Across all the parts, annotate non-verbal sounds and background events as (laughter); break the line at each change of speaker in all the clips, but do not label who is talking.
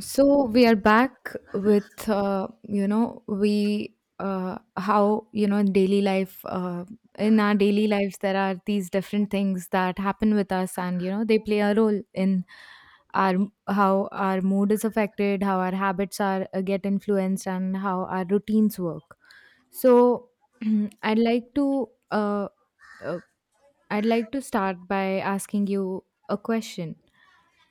So we are back with you know we how you know in daily life in our daily lives there are these different things that happen with us and you know they play a role in our how our mood is affected, how our habits are get influenced, and how our routines work. So (clears throat) I'd like to uh, uh, I'd like to start by asking you a question.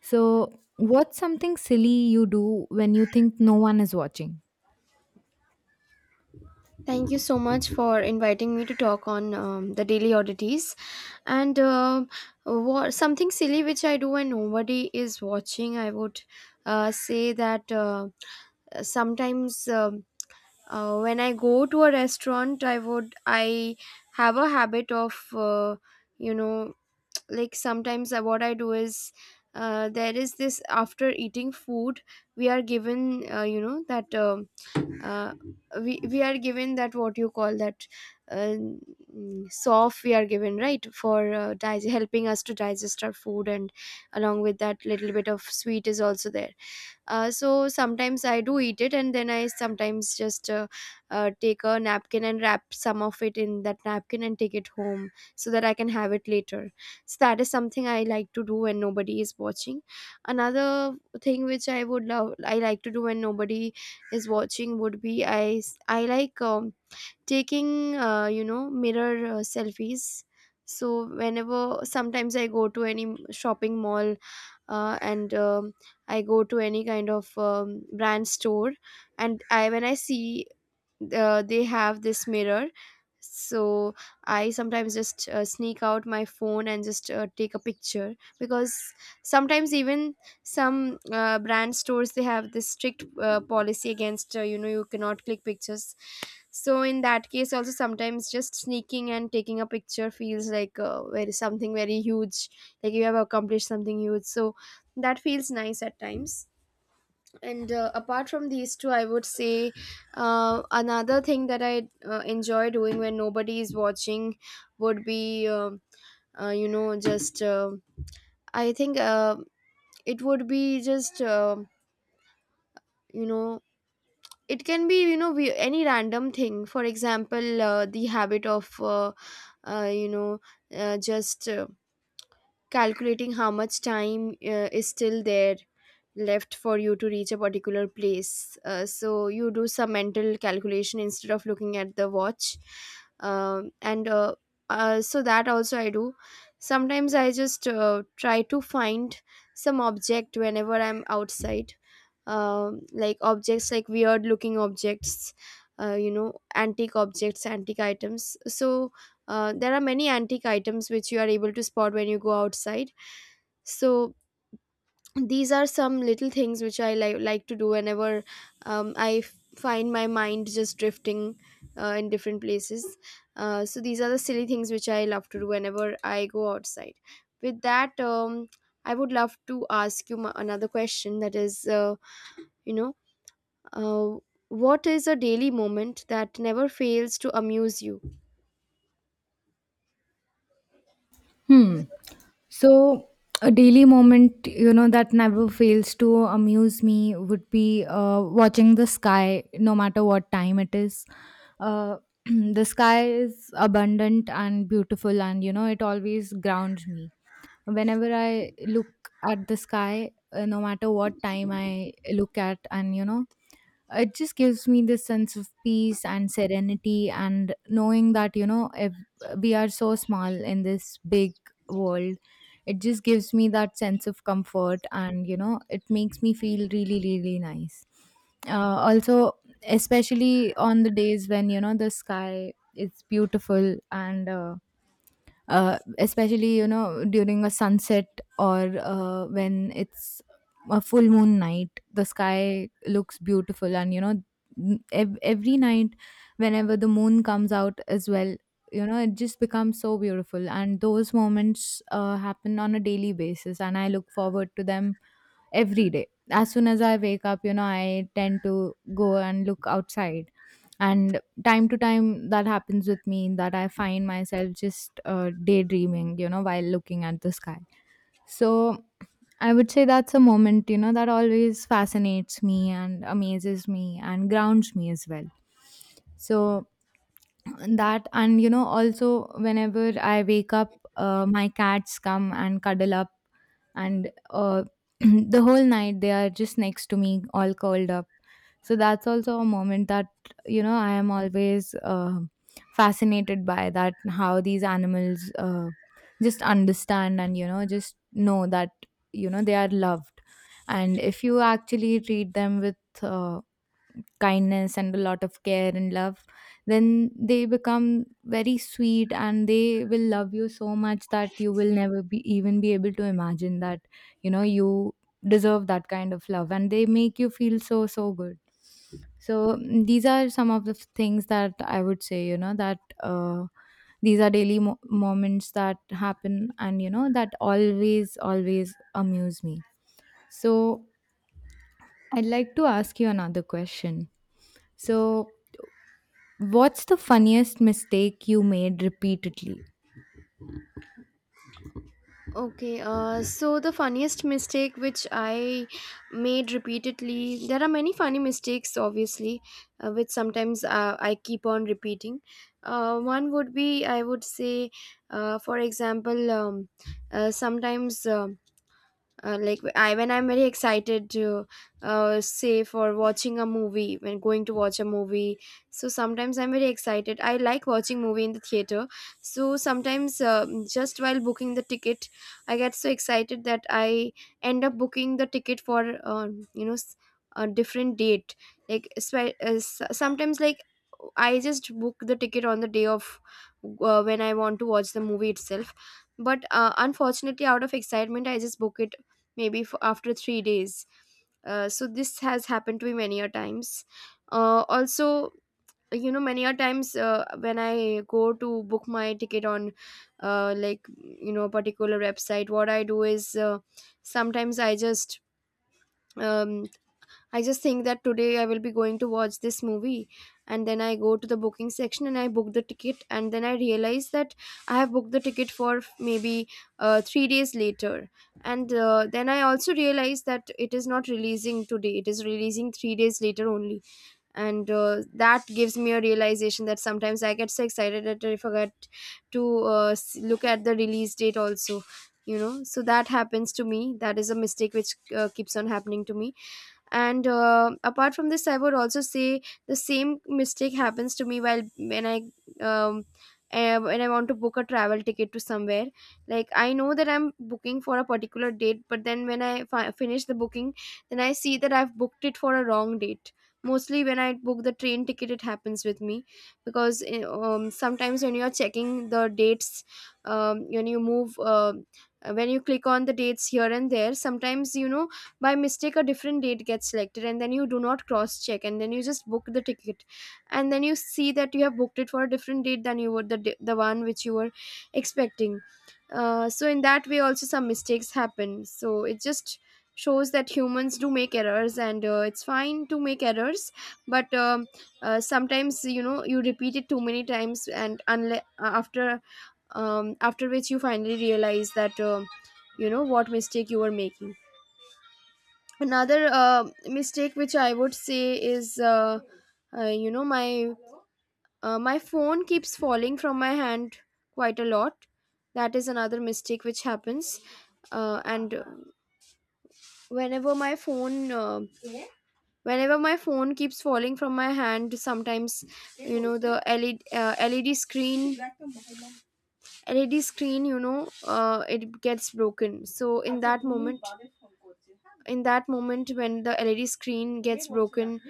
So, what's something silly you do when you think no one is watching?
Thank you so much for inviting me to talk on the daily oddities and something silly which I do when nobody is watching. I would say that sometimes, when I go to a restaurant, I have a habit of you know (tsk) like sometimes, what I do is. There is this, after eating food we are given you know that, uh, we are given that, what you call that, soft, we are given, right, for helping us to digest our food. And along with that, little bit of sweet is also there. So sometimes I do eat it, and then I sometimes just take a napkin and wrap some of it in that napkin and take it home so that I can have it later. So that is something I like to do when nobody is watching. Another thing which I would love, I like to do when nobody is watching, would be, I like taking, mirror, selfies. So whenever, sometimes, I go to any shopping mall, and I go to any kind of brand store, and I when I see, they have this mirror. So I sometimes just sneak out my phone and just take a picture, because sometimes even some brand stores, they have this strict policy against, you know, you cannot click pictures. So in that case, also, sometimes just sneaking and taking a picture feels like, very, something very huge, like you have accomplished something huge. So that feels nice at times. And apart from these two, I would say another thing that I enjoy doing when nobody is watching would be, you know, just I think it would be just, you know it can be, any random thing. For example, the habit of you know just calculating how much time is still there left for you to reach a particular place. So you do some mental calculation instead of looking at the watch. And so that also I do. Sometimes I just try to find some object whenever I'm outside, like objects, like weird looking objects, antique objects, antique items. So there are many antique items which you are able to spot when you go outside. So these are some little things which I like to do whenever I find my mind just drifting in different places. So these are the silly things which I love to do whenever I go outside. With that, I would love to ask you another question, that is, you know uh, what is a daily moment that never fails to amuse you?
Hmm. So, a daily moment, you know, that never fails to amuse me would be watching the sky, no matter what time it is. Uh, (clears throat) the sky is abundant and beautiful, and, you know, it always grounds me. Whenever I look at the sky, no matter what time I look at, and, you know, it just gives me this sense of peace and serenity, and knowing that, you know, if we are so small in this big world, it just gives me that sense of comfort. And you know, it makes me feel really, really nice. Uh, also especially on the days when, you know, the sky is beautiful, and especially, you know, during a sunset, or when it's a full moon night, the sky looks beautiful. And you know, every night whenever the moon comes out as well, you know, it just becomes so beautiful, and those moments happen on a daily basis, and I look forward to them every day. As soon as I wake up, you know, I tend to go and look outside. And time to time, that happens with me, that I find myself just daydreaming, you know, while looking at the sky. So I would say that's a moment, you know, that always fascinates me and amazes me and grounds me as well. So that, and you know, also whenever I wake up, my cats come and cuddle up, and (clears throat) the whole night they are just next to me all curled up. So that's also a moment that, you know, I am always fascinated by, that how these animals just understand, and you know, just know that, you know, they are loved. And if you actually treat them with uh, kindness and a lot of care and love, then they become very sweet and they will love you so much that you will never be even be able to imagine that, you know, you deserve that kind of love, and they make you feel so, so good. So these are some of the things that I would say, you know, that these are daily moments that happen, and you know, that always, always amuse me. So I'd like to ask you another question. So, what's the funniest mistake you made repeatedly?
Okay, so the funniest mistake which I made repeatedly, there are many funny mistakes, obviously, which sometimes I keep on repeating. One would be, I would say, for example, sometimes, like, I when I'm very excited to, say, for watching a movie, when going to watch a movie, so sometimes I'm very excited, I like watching movie in the theater. So sometimes, just while booking the ticket, I get so excited that I end up booking the ticket for, you know s- a different date. Like, sometimes, like, I just book the ticket on the day of, when I want to watch the movie itself, but unfortunately, out of excitement, I just book it maybe for after 3 days. So this has happened to me many a times. Also, you know, many a times when I go to book my ticket on, like, you know, a particular website, what I do is, sometimes I just, um, I just think that today I will be going to watch this movie, and then I go to the booking section and I book the ticket, and then I realize that I have booked the ticket for maybe 3 days later. And then I also realize that it is not releasing today, it is releasing 3 days later only. And that gives me a realization that sometimes I get so excited that I forget to, look at the release date also, you know. So that happens to me. That is a mistake which keeps on happening to me. And apart from this, I would also say the same mistake happens to me while, um when I want to book a travel ticket to somewhere. Like, I know that I'm booking for a particular date, but then, when I finish the booking, then I see that I've booked it for a wrong date. Mostly when I book the train ticket it happens with me, because, sometimes when you are checking the dates, when you move, when you click on the dates here and there, sometimes, you know, by mistake a different date gets selected, and then you do not cross check, and then you just book the ticket, and then you see that you have booked it for a different date than you were, the one which you were expecting. So in that way also, some mistakes happen. So it just shows that humans do make errors, and it's fine to make errors. But, sometimes, you know, you repeat it too many times, and, after, after which, you finally realize that, you know, what mistake you were making. Another mistake which I would say is, uh, you know my my phone keeps falling from my hand quite a lot. That is another mistake which happens. And whenever my phone uh, whenever my phone keeps falling from my hand, sometimes, you know, the LED screen, it gets broken. So in that moment, when the LED screen gets broken,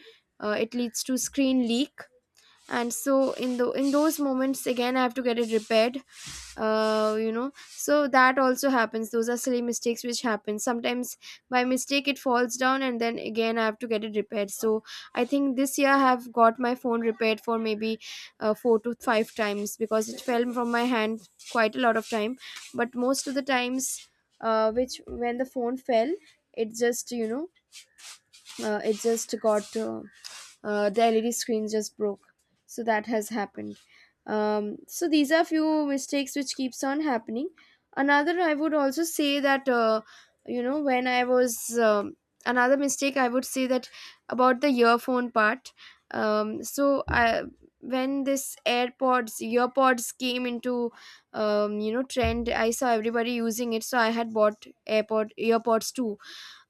it leads to screen leak. And so in those moments, again, I have to get it repaired. So that also happens. Those are silly mistakes which happen sometimes. By mistake it falls down, and then again I have to get it repaired. So I think this year I have got my phone repaired for maybe four to five times, because it fell from my hand quite a lot of time. But most of the times, which when the phone fell, it just, you know, it just got, the LED screens just broke. So that has happened. So these are few mistakes which keeps on happening. Another, I would also say that, you know when I was another mistake I would say that, about the earphone part. So I when this AirPods, earpods, came into, trend, I saw everybody using it. So I had bought AirPod earpods too.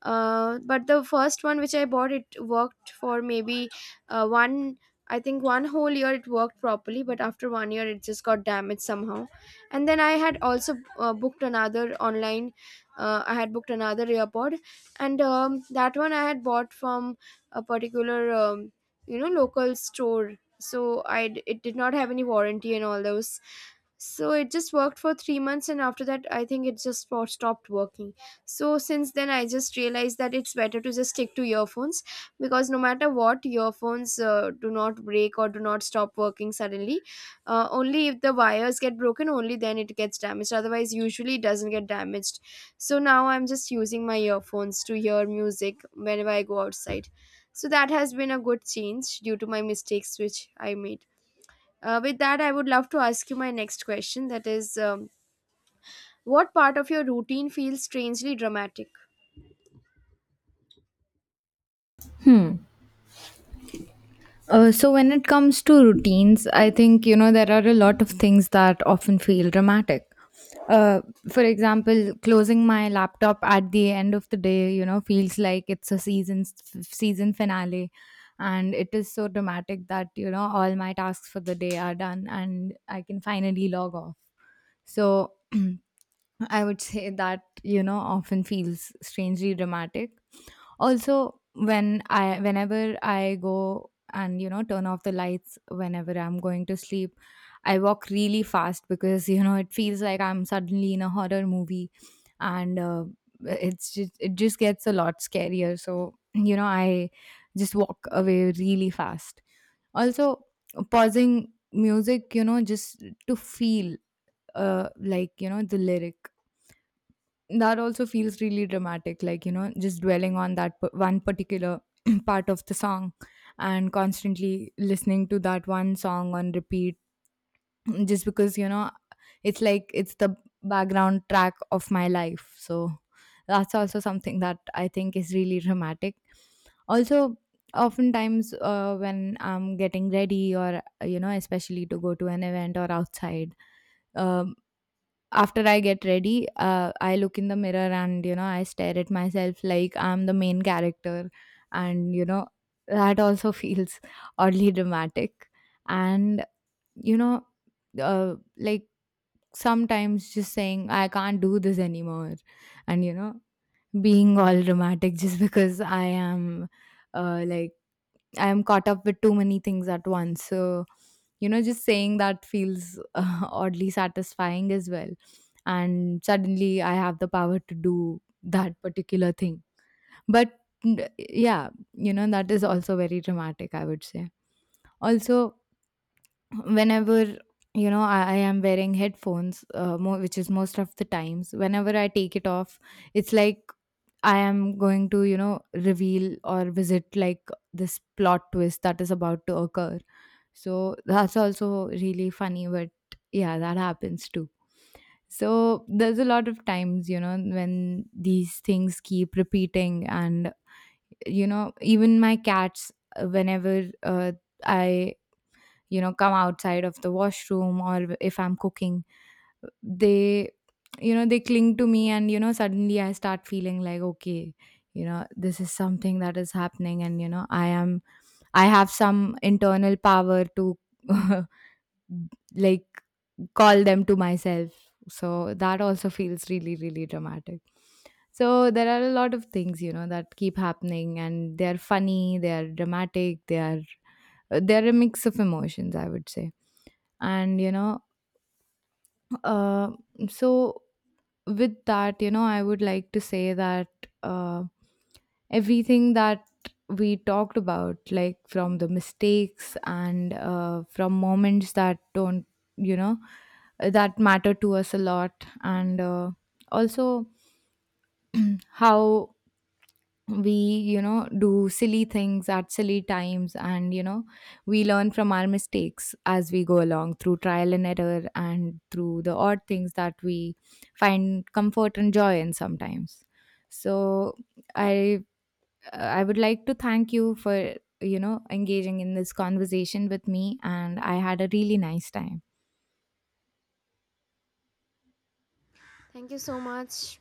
But the first one which I bought, it worked for maybe one I think one whole year. It worked properly, but after 1 year it just got damaged somehow. And then I had also, booked another online I had booked another earbud, and that one I had bought from a particular, local store. So it did not have any warranty and all those. So it just worked for 3 months, and after that I think it just stopped working. So since then I just realized that it's better to just stick to earphones, because no matter what, earphones do not break or do not stop working suddenly. Only if the wires get broken, only then it gets damaged. Otherwise, usually it doesn't get damaged. So now I'm just using my earphones to hear music whenever I go outside. So that has been a good change due to my mistakes which I made. With that, I would love to ask you my next question, that is, what part of your routine feels strangely dramatic?
Hmm. So when it comes to routines, I think, you know, there are a lot of things that often feel dramatic. Uh, for example, closing my laptop at the end of the day, you know, feels like it's a season finale, and it is so dramatic that, you know, all my tasks for the day are done, and I can finally log off. So (clears throat) I would say that, you know, often feels strangely dramatic. Also, when I, whenever I go and, you know, turn off the lights whenever I'm going to sleep, I walk really fast, because (laughs) you know, it feels like I'm suddenly in a horror movie. And it just gets a lot scarier, so you know, I just walk away really fast. Also, pausing music, you know, just to feel like, you know, the lyric, that also feels really dramatic, like you know, just dwelling on that one particular (clears throat) part of the song, and constantly listening to that one song on repeat (clears throat) just because, you know, it's like it's the background track of my life. So that's also something that I think is really dramatic. Also, oftentimes when I'm getting ready, or you know, especially to go to an event or outside. um. After I get ready, I look in the mirror and, you know, I stare at myself like I'm the main character. And, you know, that also (laughs) feels oddly dramatic. And, you know, like sometimes just saying, "I can't do this anymore." And, you know, being all dramatic (laughs) just because I am, like, I am caught up with too many things at once. So, you know, just saying that feels (laughs) oddly satisfying as well. And suddenly I have the power to do that particular thing. But yeah, you know, that is also very dramatic, I would say. Also, whenever, you know, I am wearing headphones, which is most of the times, whenever I take it off, it's like I am going to, you know, reveal or visit like this plot twist that is about to occur. So that's also really funny, but yeah, that happens too. So there's a lot of times, you know, when these things keep repeating. And you know, even my cats, whenever I, you know, come outside of the washroom, or if I'm cooking, they, you know, they cling to me, and you know, suddenly I start feeling like, okay, you know, this is something that is happening, and you know, I am, I have some internal power to (laughs) like call them to myself. So that also feels really, really dramatic. So there are a lot of things, you know, that keep happening, and they're funny, they're dramatic, they're a mix of emotions, I would say. And you know, uh, so with that, you know, I would like to say that, uh, everything that we talked about, like from the mistakes, and from moments that don't, you know, that matter to us a lot, and also how we, you know, do silly things at silly times, and you know, we learn from our mistakes as we go along through trial and error, and through the odd things that we find comfort and joy in sometimes. So i I would like to thank you for, you know, engaging in this conversation with me, and I had a really nice time.
Thank you so much.